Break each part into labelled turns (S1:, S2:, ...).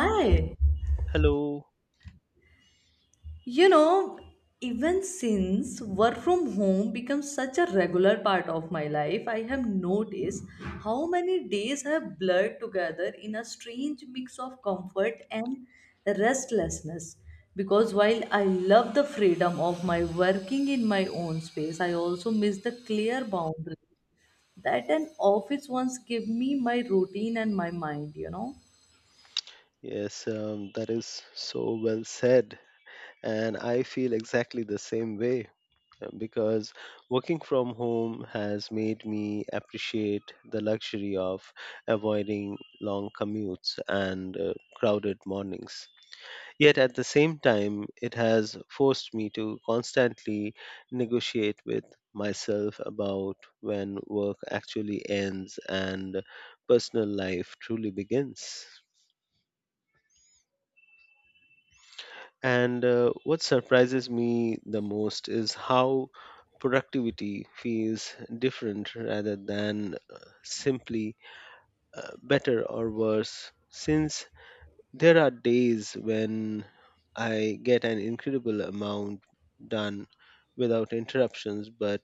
S1: Hi.
S2: Hello.
S1: You know, Even since work from home becomes such a regular part of my life, I have noticed how many days have blurred together in a strange mix of comfort and restlessness. Because while I love the freedom of my working in my own space, I also miss the clear boundary that an office once gave me my routine and my mind.
S2: Yes, that is so well said. And I feel exactly the same way because working from home has made me appreciate the luxury of avoiding long commutes and crowded mornings. Yet at the same time, it has forced me to constantly negotiate with myself about when work actually ends and personal life truly begins. And what surprises me the most is how productivity feels different rather than simply better or worse. Since there are days when I get an incredible amount done without interruptions, but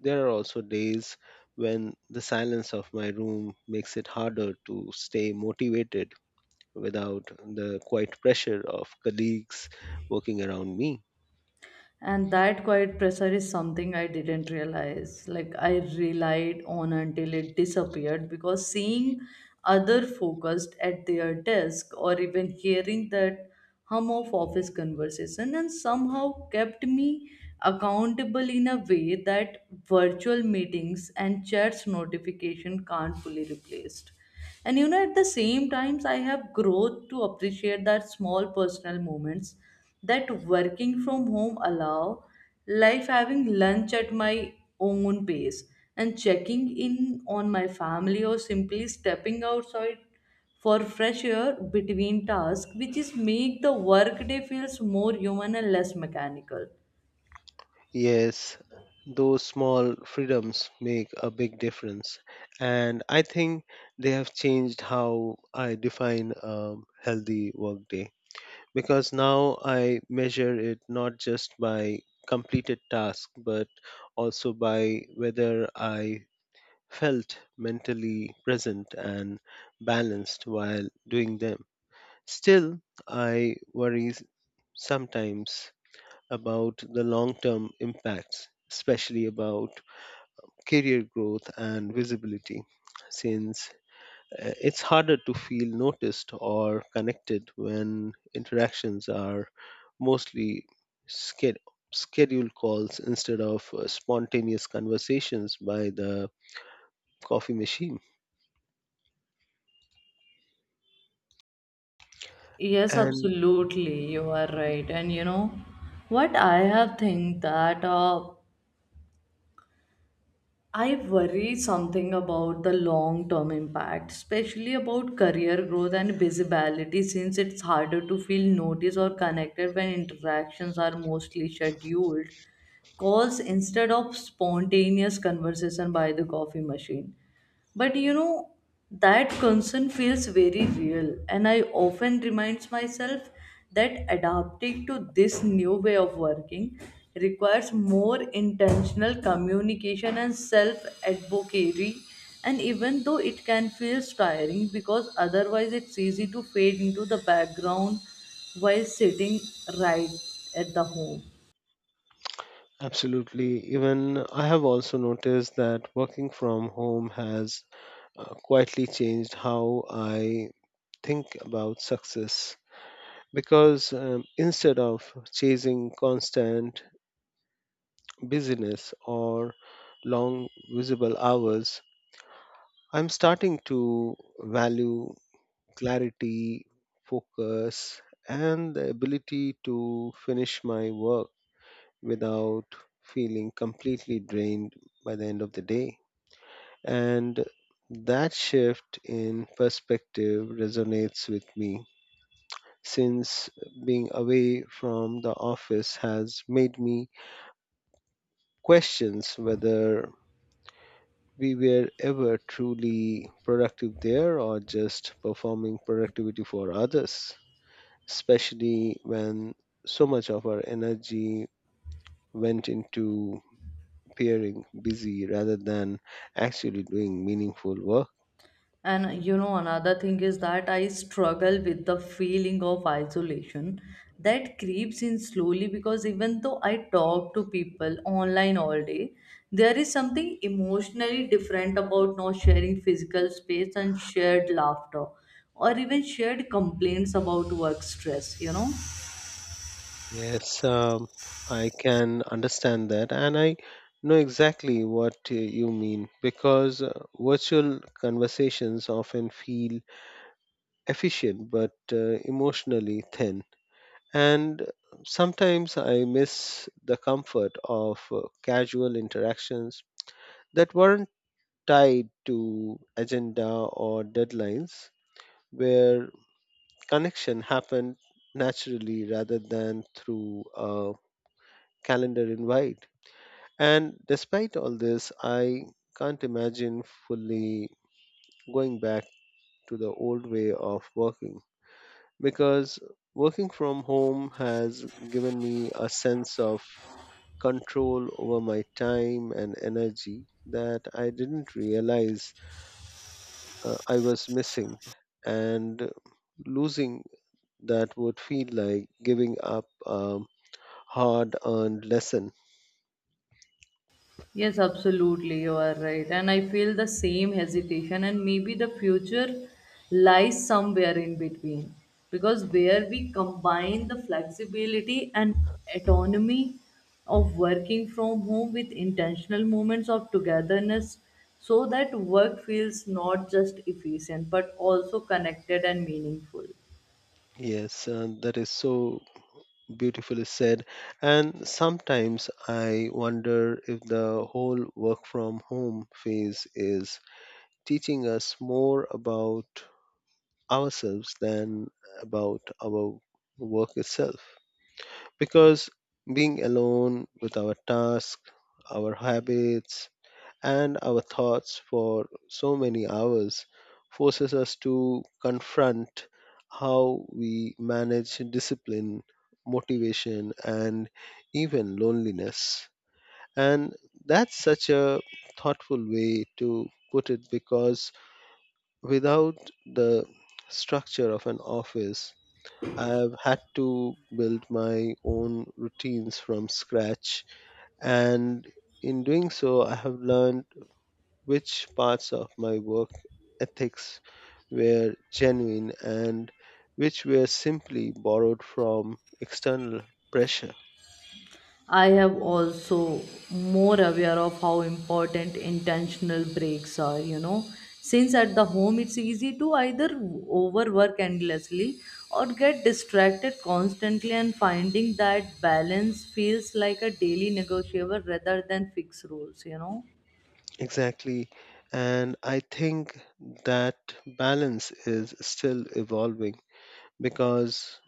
S2: there are also days when the silence of my room makes it harder to stay motivated without the quiet pressure of colleagues working around me.
S1: And that quiet pressure is something I didn't realize like I relied on until it disappeared, because seeing other focused at their desk or even hearing that hum of office conversation and somehow kept me accountable in a way that virtual meetings and chats notification can't fully replace. And at the same times, I have growth to appreciate that small personal moments that working from home allow, like having lunch at my own pace and checking in on my family or simply stepping outside for fresh air between tasks, which is make the workday feels more human and less mechanical.
S2: Yes, those small freedoms make a big difference. And I think they have changed how I define a healthy workday because now I measure it not just by completed tasks but also by whether I felt mentally present and balanced while doing them. Still, I worry sometimes about the long term impacts, especially about career growth and visibility, since it's harder to feel noticed or connected when interactions are mostly sched- scheduled calls instead of spontaneous conversations by the coffee machine.
S1: Yes,
S2: And
S1: absolutely. You are right. And you know what I have think that I worry something about the long term impact, especially about career growth and visibility, since it's harder to feel noticed or connected when interactions are mostly scheduled calls instead of spontaneous conversation by the coffee machine. But that concern feels very real, and I often remind myself that adapting to this new way of working requires more intentional communication and self advocacy. And even though it can feel tiring, because otherwise it's easy to fade into the background while sitting right at the home.
S2: Absolutely. Even I have also noticed that working from home has quietly changed how I think about success because instead of chasing constant busyness or long visible hours, I'm starting to value clarity, focus, and the ability to finish my work without feeling completely drained by the end of the day. And that shift in perspective resonates with me since being away from the office has made me question whether we were ever truly productive there or just performing productivity for others, especially when so much of our energy went into appearing busy rather than actually doing meaningful work.
S1: And another thing is that I struggle with the feeling of isolation that creeps in slowly, because even though I talk to people online all day, there is something emotionally different about not sharing physical space and shared laughter or even shared complaints about work stress.
S2: Yes, I can understand that, and I know exactly what you mean because virtual conversations often feel efficient but emotionally thin. And sometimes I miss the comfort of casual interactions that weren't tied to agenda or deadlines, where connection happened naturally rather than through a calendar invite. And despite all this, I can't imagine fully going back to the old way of working because working from home has given me a sense of control over my time and energy that I didn't realize I was missing. And losing that would feel like giving up a hard earned lesson.
S1: Yes, absolutely, you are right. And I feel the same hesitation, and maybe the future lies somewhere in between. Because where we combine the flexibility and autonomy of working from home with intentional moments of togetherness, so that work feels not just efficient but also connected and meaningful.
S2: Yes, and that is so beautifully said. And sometimes I wonder if the whole work from home phase is teaching us more about ourselves than about our work itself. Because being alone with our tasks, our habits, and our thoughts for so many hours forces us to confront how we manage discipline, motivation, and even loneliness. And that's such a thoughtful way to put it because without the structure of an office, I've had to build my own routines from scratch. And in doing so, I have learned which parts of my work ethics were genuine and which were simply borrowed from external pressure.
S1: I have also more aware of how important intentional breaks are. Since at the home it's easy to either overwork endlessly or get distracted constantly, and finding that balance feels like a daily negotiable rather than fixed rules.
S2: Exactly. And I think that balance is still evolving because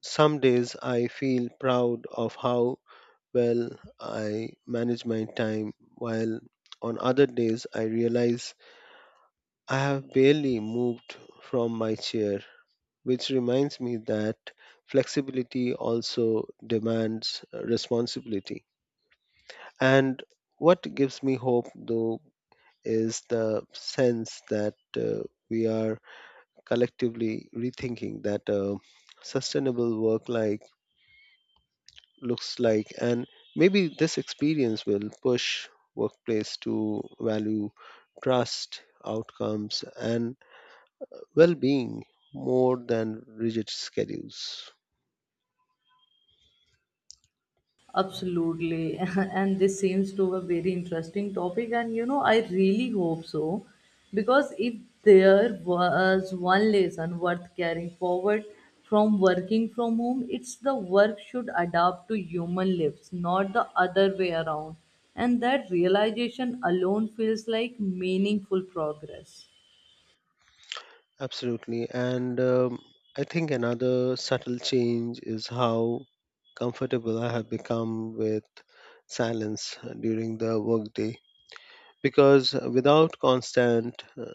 S2: some days I feel proud of how well I manage my time, while on other days I realize I have barely moved from my chair, which reminds me that flexibility also demands responsibility. And what gives me hope, though, is the sense that we are collectively rethinking that sustainable work like looks like and maybe this experience will push workplace to value trust outcomes and well-being more than rigid schedules.
S1: Absolutely. And this seems to a very interesting topic. And I really hope so. Because if there was one lesson worth carrying forward from working from home, it's the work should adapt to human lives, not the other way around. And that realization alone feels like meaningful progress.
S2: Absolutely. And I think another subtle change is how comfortable I have become with silence during the workday. Because without constant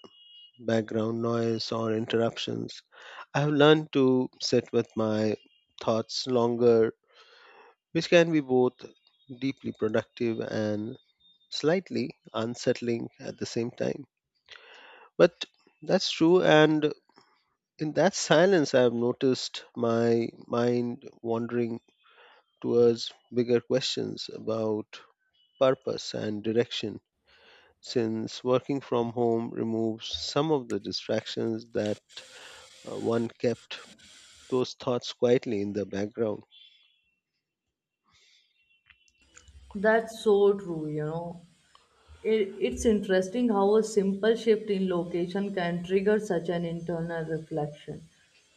S2: background noise or interruptions, I have learned to sit with my thoughts longer, which can be both deeply productive and slightly unsettling at the same time. But that's true and in that silence, I have noticed my mind wandering towards bigger questions about purpose and direction, since working from home removes some of the distractions that one kept those thoughts quietly in the background.
S1: That's so true. It's interesting how a simple shift in location can trigger such an internal reflection,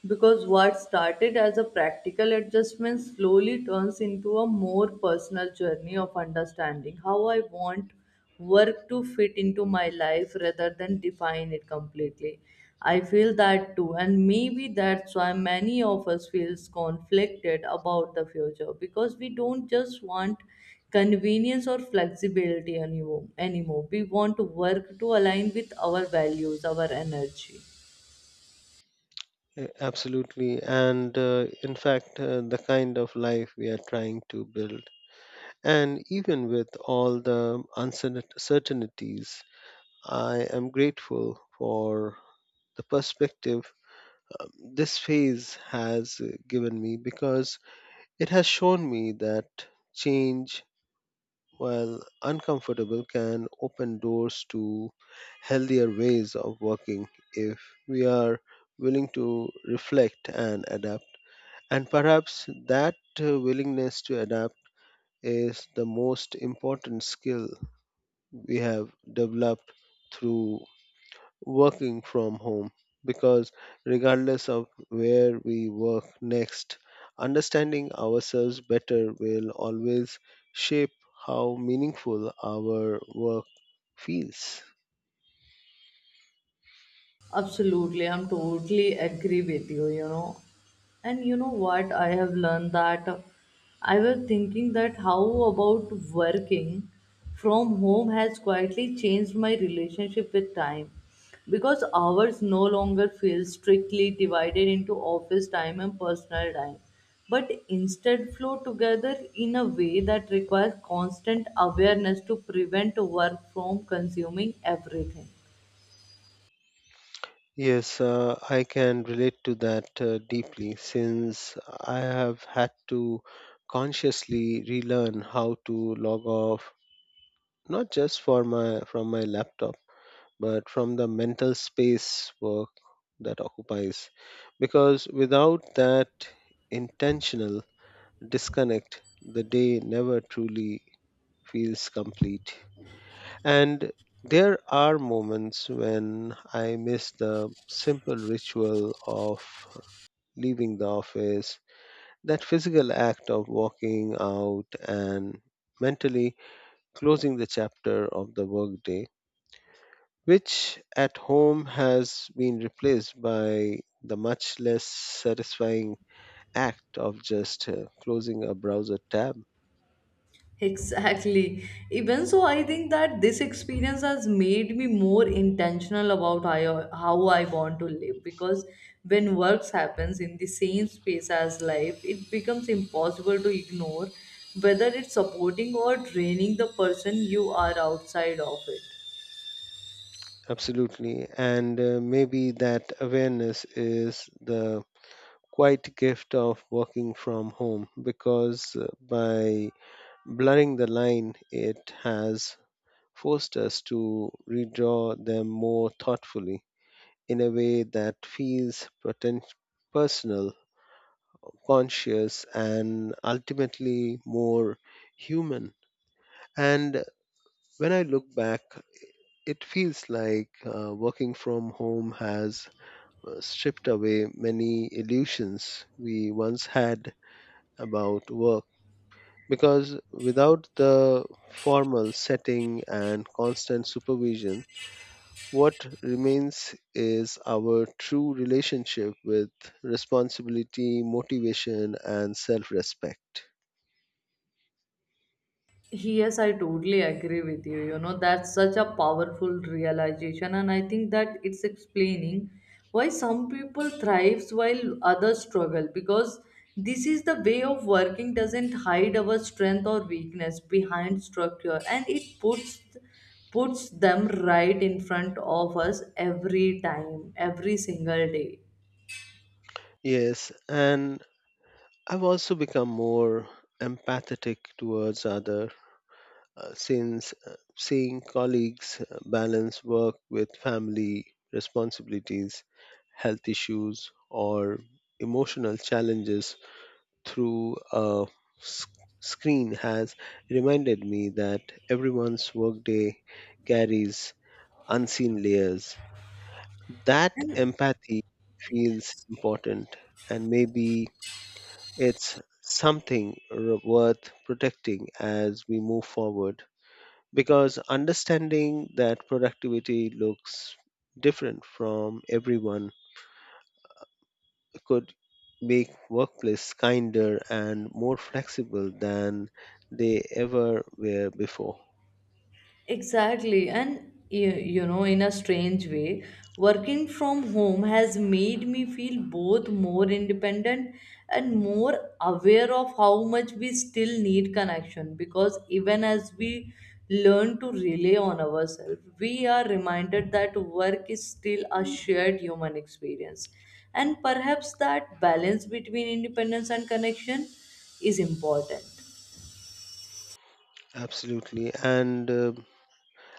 S1: because what started as a practical adjustment slowly turns into a more personal journey of understanding how I want work to fit into my life rather than define it completely. I feel that too, and maybe that's why many of us feels conflicted about the future, because we don't just want convenience or flexibility anymore. We want to work to align with our values, our energy.
S2: Absolutely, and in fact, the kind of life we are trying to build. And even with all the uncertainties, I am grateful for the perspective this phase has given me because it has shown me that change, while uncomfortable, can open doors to healthier ways of working if we are willing to reflect and adapt. And perhaps that willingness to adapt is the most important skill we have developed through working from home because regardless of where we work next, understanding ourselves better will always shape how meaningful our work feels.
S1: Absolutely, I'm totally agree with you, you know. And you know what? I have learned that I was thinking that how about working from home has quietly changed my relationship with time, because hours no longer feel strictly divided into office time and personal time, but instead flow together in a way that requires constant awareness to prevent work from consuming everything.
S2: Yes, I can relate to that deeply since I have had to consciously relearn how to log off not just for my from my laptop but from the mental space work that occupies. Because without that intentional disconnect, the day never truly feels complete. And there are moments when I miss the simple ritual of leaving the office, that physical act of walking out and mentally closing the chapter of the workday which at home has been replaced by the much less satisfying act of just closing a browser tab.
S1: Exactly. Even so, I think that this experience has made me more intentional about how I want to live, because when works happens in the same space as life, it becomes impossible to ignore whether it's supporting or draining the person you are outside of it.
S2: Absolutely. And maybe that awareness is the quiet gift of working from home because by blurring the line, it has forced us to redraw them more thoughtfully in a way that feels personal, conscious, and ultimately more human. And when I look back, it feels like working from home has stripped away many illusions we once had about work. Because without the formal setting and constant supervision, what remains is our true relationship with responsibility, motivation, and self respect.
S1: Yes, I totally agree with you. That's such a powerful realization, and I think that it's explaining why some people thrives while others struggle, because this is the way of working doesn't hide our strength or weakness behind structure, and it puts them right in front of us every time, every single day.
S2: Yes, and I've also become more empathetic towards other since seeing colleagues balance work with family responsibilities, health issues, or emotional challenges through a s- screen has reminded me that everyone's workday carries unseen layers. That empathy feels important and maybe it's something worth protecting as we move forward because understanding that productivity looks different from everyone could make workplace kinder and more flexible than they ever were before.
S1: Exactly. And in a strange way, working from home has made me feel both more independent and more aware of how much we still need connection, because even as we learn to rely on ourselves, we are reminded that work is still a shared human experience. And perhaps that balance between independence and connection is important.
S2: Absolutely. And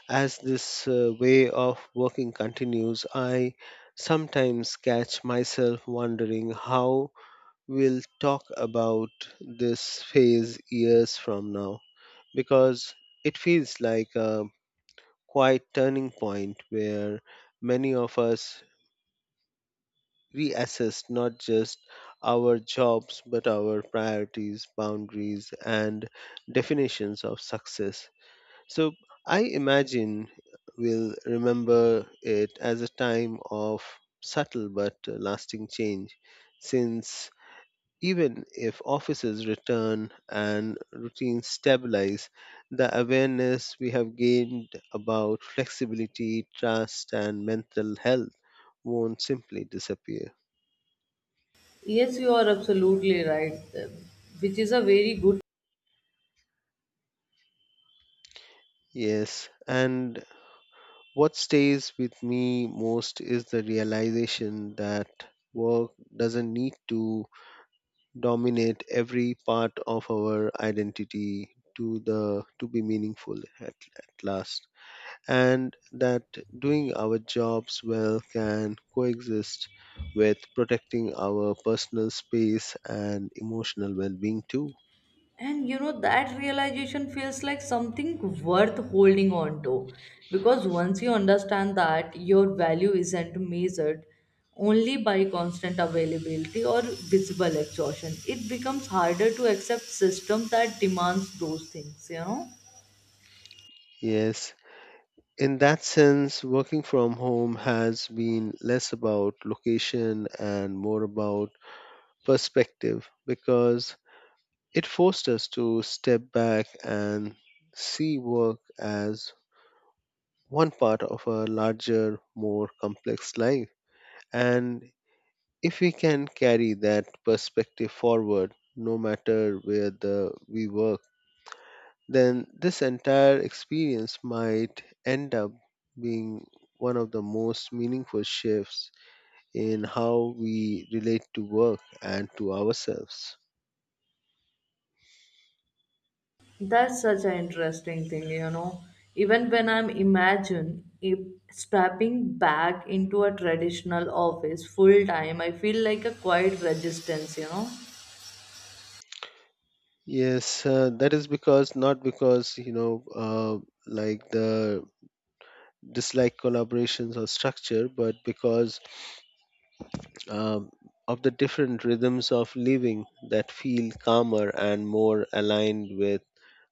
S2: as this way of working continues, I sometimes catch myself wondering how we'll talk about this phase years from now because it feels like a quiet turning point where many of us reassess not just our jobs but our priorities, boundaries, and definitions of success. So I imagine we'll remember it as a time of subtle but lasting change since even if offices return and routines stabilize, the awareness we have gained about flexibility, trust, and mental health won't simply disappear.
S1: Yes, you are absolutely right, which is a very good.
S2: Yes, and what stays with me most is the realization that work doesn't need to dominate every part of our identity to be meaningful at last and that doing our jobs well can coexist with protecting our personal space and emotional well being too.
S1: And that realization feels like something worth holding on to, because once you understand that your value isn't measured only by constant availability or visible exhaustion, it becomes harder to accept systems that demands those things.
S2: Yes, in that sense, working from home has been less about location and more about perspective because it forced us to step back and see work as one part of a larger, more complex life. And if we can carry that perspective forward, no matter where we work, then this entire experience might end up being one of the most meaningful shifts in how we relate to work and to ourselves.
S1: That's such an interesting thing. Even when I'm imagine if stepping back into a traditional office full time, I feel like a quiet resistance.
S2: Yes, that is because not because you know, like the dislike collaborations or structure, but because um, of the different rhythms of living that feel calmer and more aligned with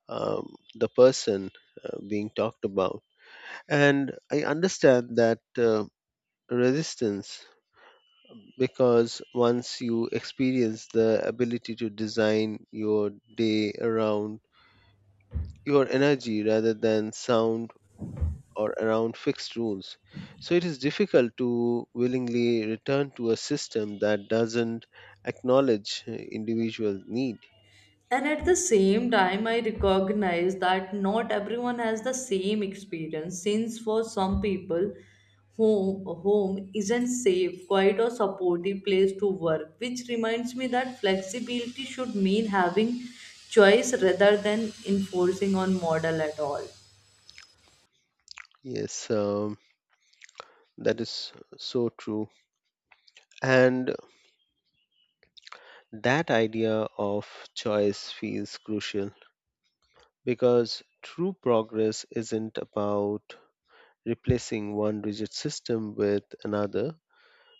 S2: the person being talked about. And I understand that resistance because once you experience the ability to design your day around your energy rather than sound or around fixed rules. So it is difficult to willingly return to a system that doesn't acknowledge individual need.
S1: And at the same time, I recognize that not everyone has the same experience, since for some people, home isn't safe, quiet, or supportive place to work, which reminds me that flexibility should mean having choice rather than enforcing on model at all.
S2: Yes, that is so true. And that idea of choice feels crucial because true progress isn't about replacing one rigid system with another,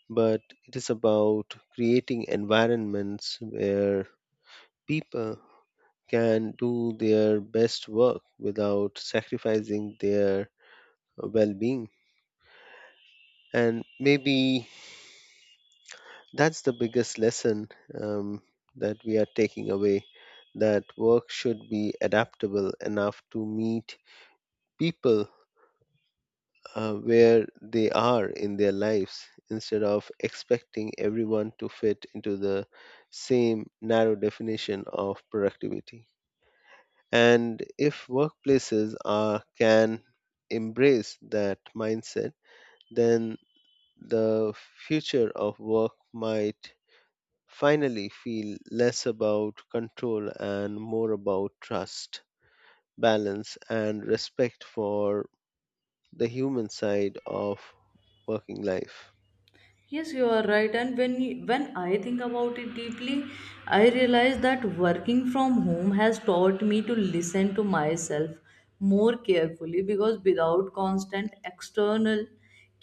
S2: but it is about creating environments where people can do their best work without sacrificing their well being. And maybe that's the biggest lesson um, that we are taking away that work should be adaptable enough to meet people where they are in their lives instead of expecting everyone to fit into the same narrow definition of productivity. And if workplaces can embrace that mindset, then the future of work might finally feel less about control and more about trust, balance, and respect for the human side of working life.
S1: Yes, you are right. And when I think about it deeply, I realize that working from home has taught me to listen to myself more carefully, because without constant external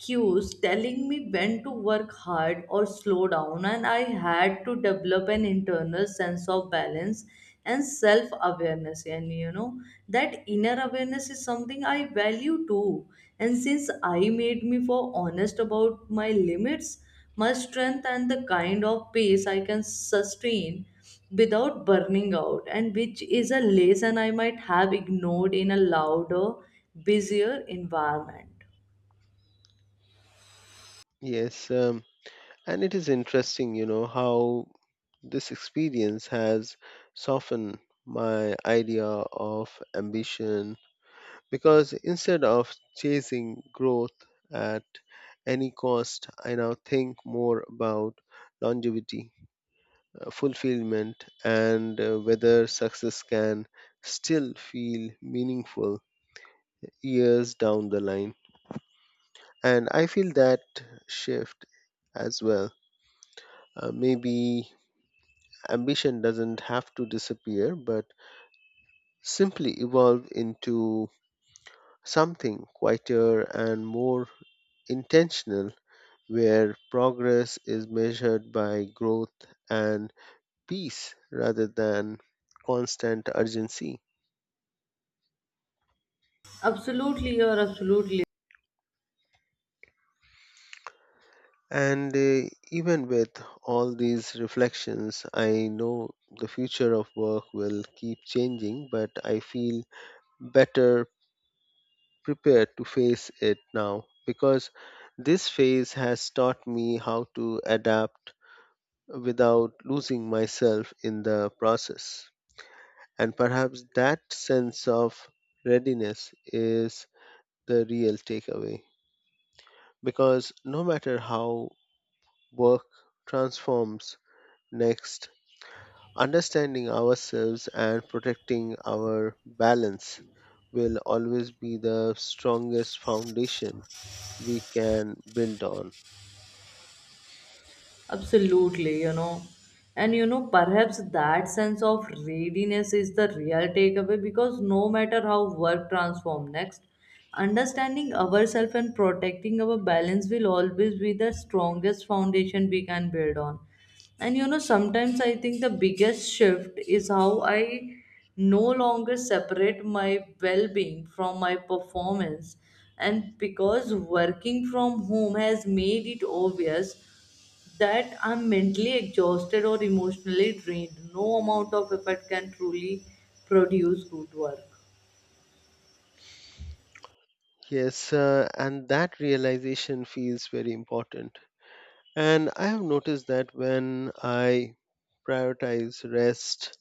S1: cues telling me when to work hard or slow down, and I had to develop an internal sense of balance and self awareness. And that inner awareness is something I value too, and since I made me for honest about my limits, my strength and the kind of pace I can sustain without burning out, and which is a lesson I might have ignored in a louder, busier environment.
S2: Yes, and it is interesting, you know, how this experience has softened my idea of ambition because instead of chasing growth at any cost, I now think more about longevity, fulfillment, and whether success can still feel meaningful years down the line. And I feel that shift as well. Maybe ambition doesn't have to disappear, but simply evolve into something quieter and more intentional where progress is measured by growth and peace rather than constant urgency.
S1: Absolutely, you're absolutely
S2: And even with all these reflections, I know the future of work will keep changing, but I feel better prepared to face it now because this phase has taught me how to adapt without losing myself in the process. And perhaps that sense of readiness is the real takeaway. Because no matter how work transforms next, understanding ourselves and protecting our balance will always be the strongest foundation we can build on.
S1: Absolutely. And perhaps that sense of readiness is the real takeaway, because no matter how work transforms next, understanding ourselves and protecting our balance will always be the strongest foundation we can build on. And sometimes I think the biggest shift is how I no longer separate my well being from my performance. And because working from home has made it obvious that I'm mentally exhausted or emotionally drained. No amount of effort can truly produce good work.
S2: Yes, and that realization feels very important. And I have noticed that when I prioritize rest,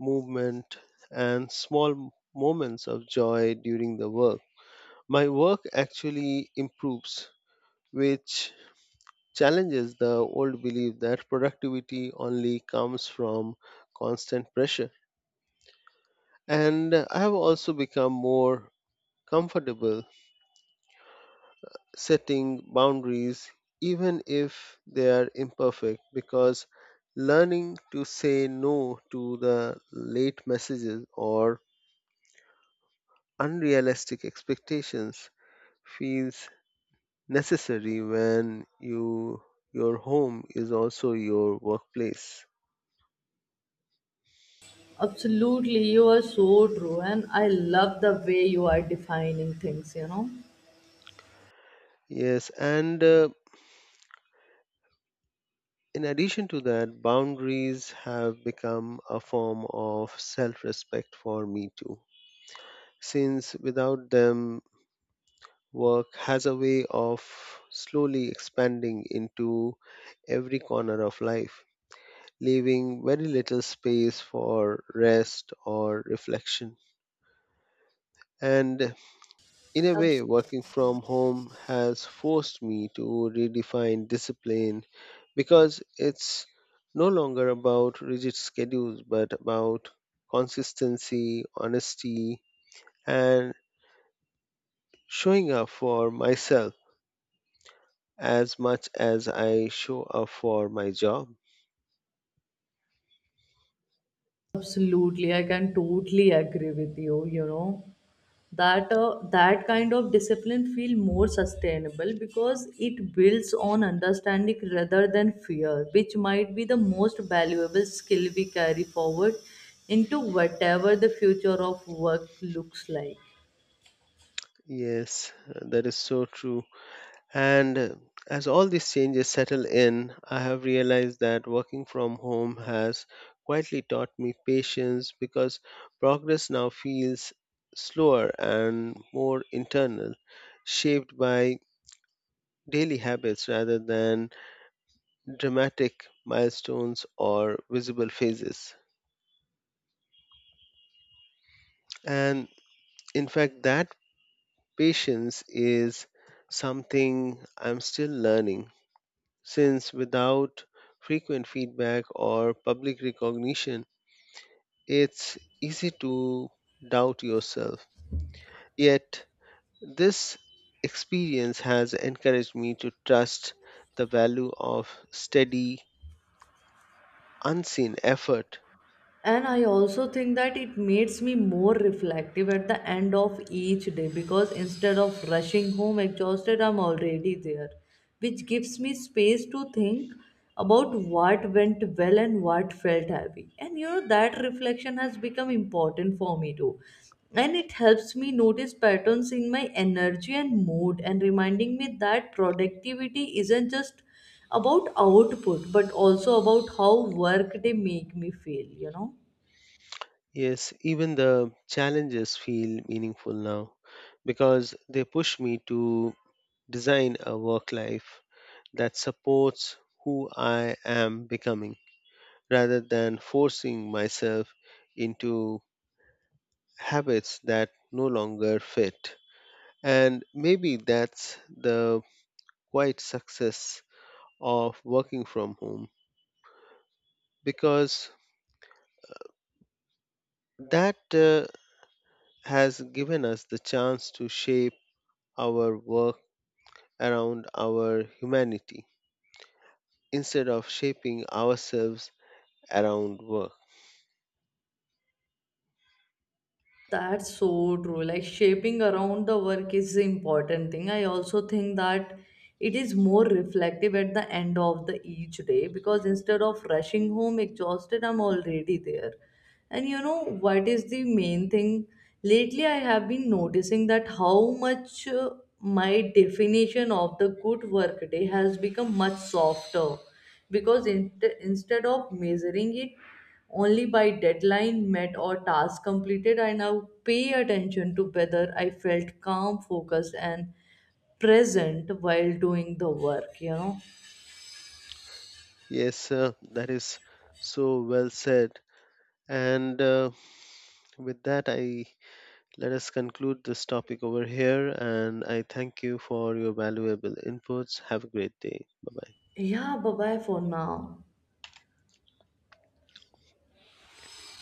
S2: movement, and small moments of joy during the work, my work actually improves, which challenges the old belief that productivity only comes from constant pressure. And I have also become more comfortable setting boundaries, even if they are imperfect, because learning to say no to the late messages or unrealistic expectations feels necessary when you your home is also your workplace.
S1: Absolutely, you are so true, and I love the way you are defining things.
S2: Yes, and in addition to that, boundaries have become a form of self-respect for me too. Since without them, work has a way of slowly expanding into every corner of life, leaving very little space for rest or reflection. And in a way,
S1: Abs-
S2: working from home has forced me to redefine discipline because it's no longer about rigid schedules but about consistency, honesty, and showing up for myself as much as I show up for my job.
S1: Absolutely, I can totally agree with you, you know. That kind of discipline feel more sustainable, because it builds on understanding rather than fear, which might be the most valuable skill we carry forward into whatever the future of work looks like.
S2: Yes, that is so true. And as all these changes settle in, I have realized that working from home has quietly taught me patience because progress now feels slower and more internal, shaped by daily habits rather than dramatic milestones or visible phases. And in fact, that patience is something I'm still learning since without frequent feedback or public recognition, it's easy to doubt yourself. Yet, this experience has encouraged me to trust the value of steady, unseen effort.
S1: And I also think that it makes me more reflective at the end of each day, because instead of rushing home exhausted, I'm already there, which gives me space to think about what went well and what felt heavy. And that reflection has become important for me too, and it helps me notice patterns in my energy and mood, and reminding me that productivity isn't just about output but also about how work they make me feel.
S2: Yes, even the challenges feel meaningful now because they push me to design a work life that supports who I am becoming, rather than forcing myself into habits that no longer fit. And maybe that's the quiet success of working from home because that has given us the chance to shape our work around our humanity instead of shaping ourselves around work.
S1: That's so true. Like shaping around the work is the important thing. I also think that it is more reflective at the end of the each day, because instead of rushing home exhausted, I'm already there. And you know what is the main thing? Lately, I have been noticing that how much my definition of the good work day has become much softer, because instead of measuring it only by deadline met or task completed. I now pay attention to whether I felt calm, focused, and present while doing the work.
S2: Yes, sir, that is so well said. And with that, I let us conclude this topic over here, and I thank you for your valuable inputs. Have a great day. Bye bye.
S1: Yeah, bye bye for now.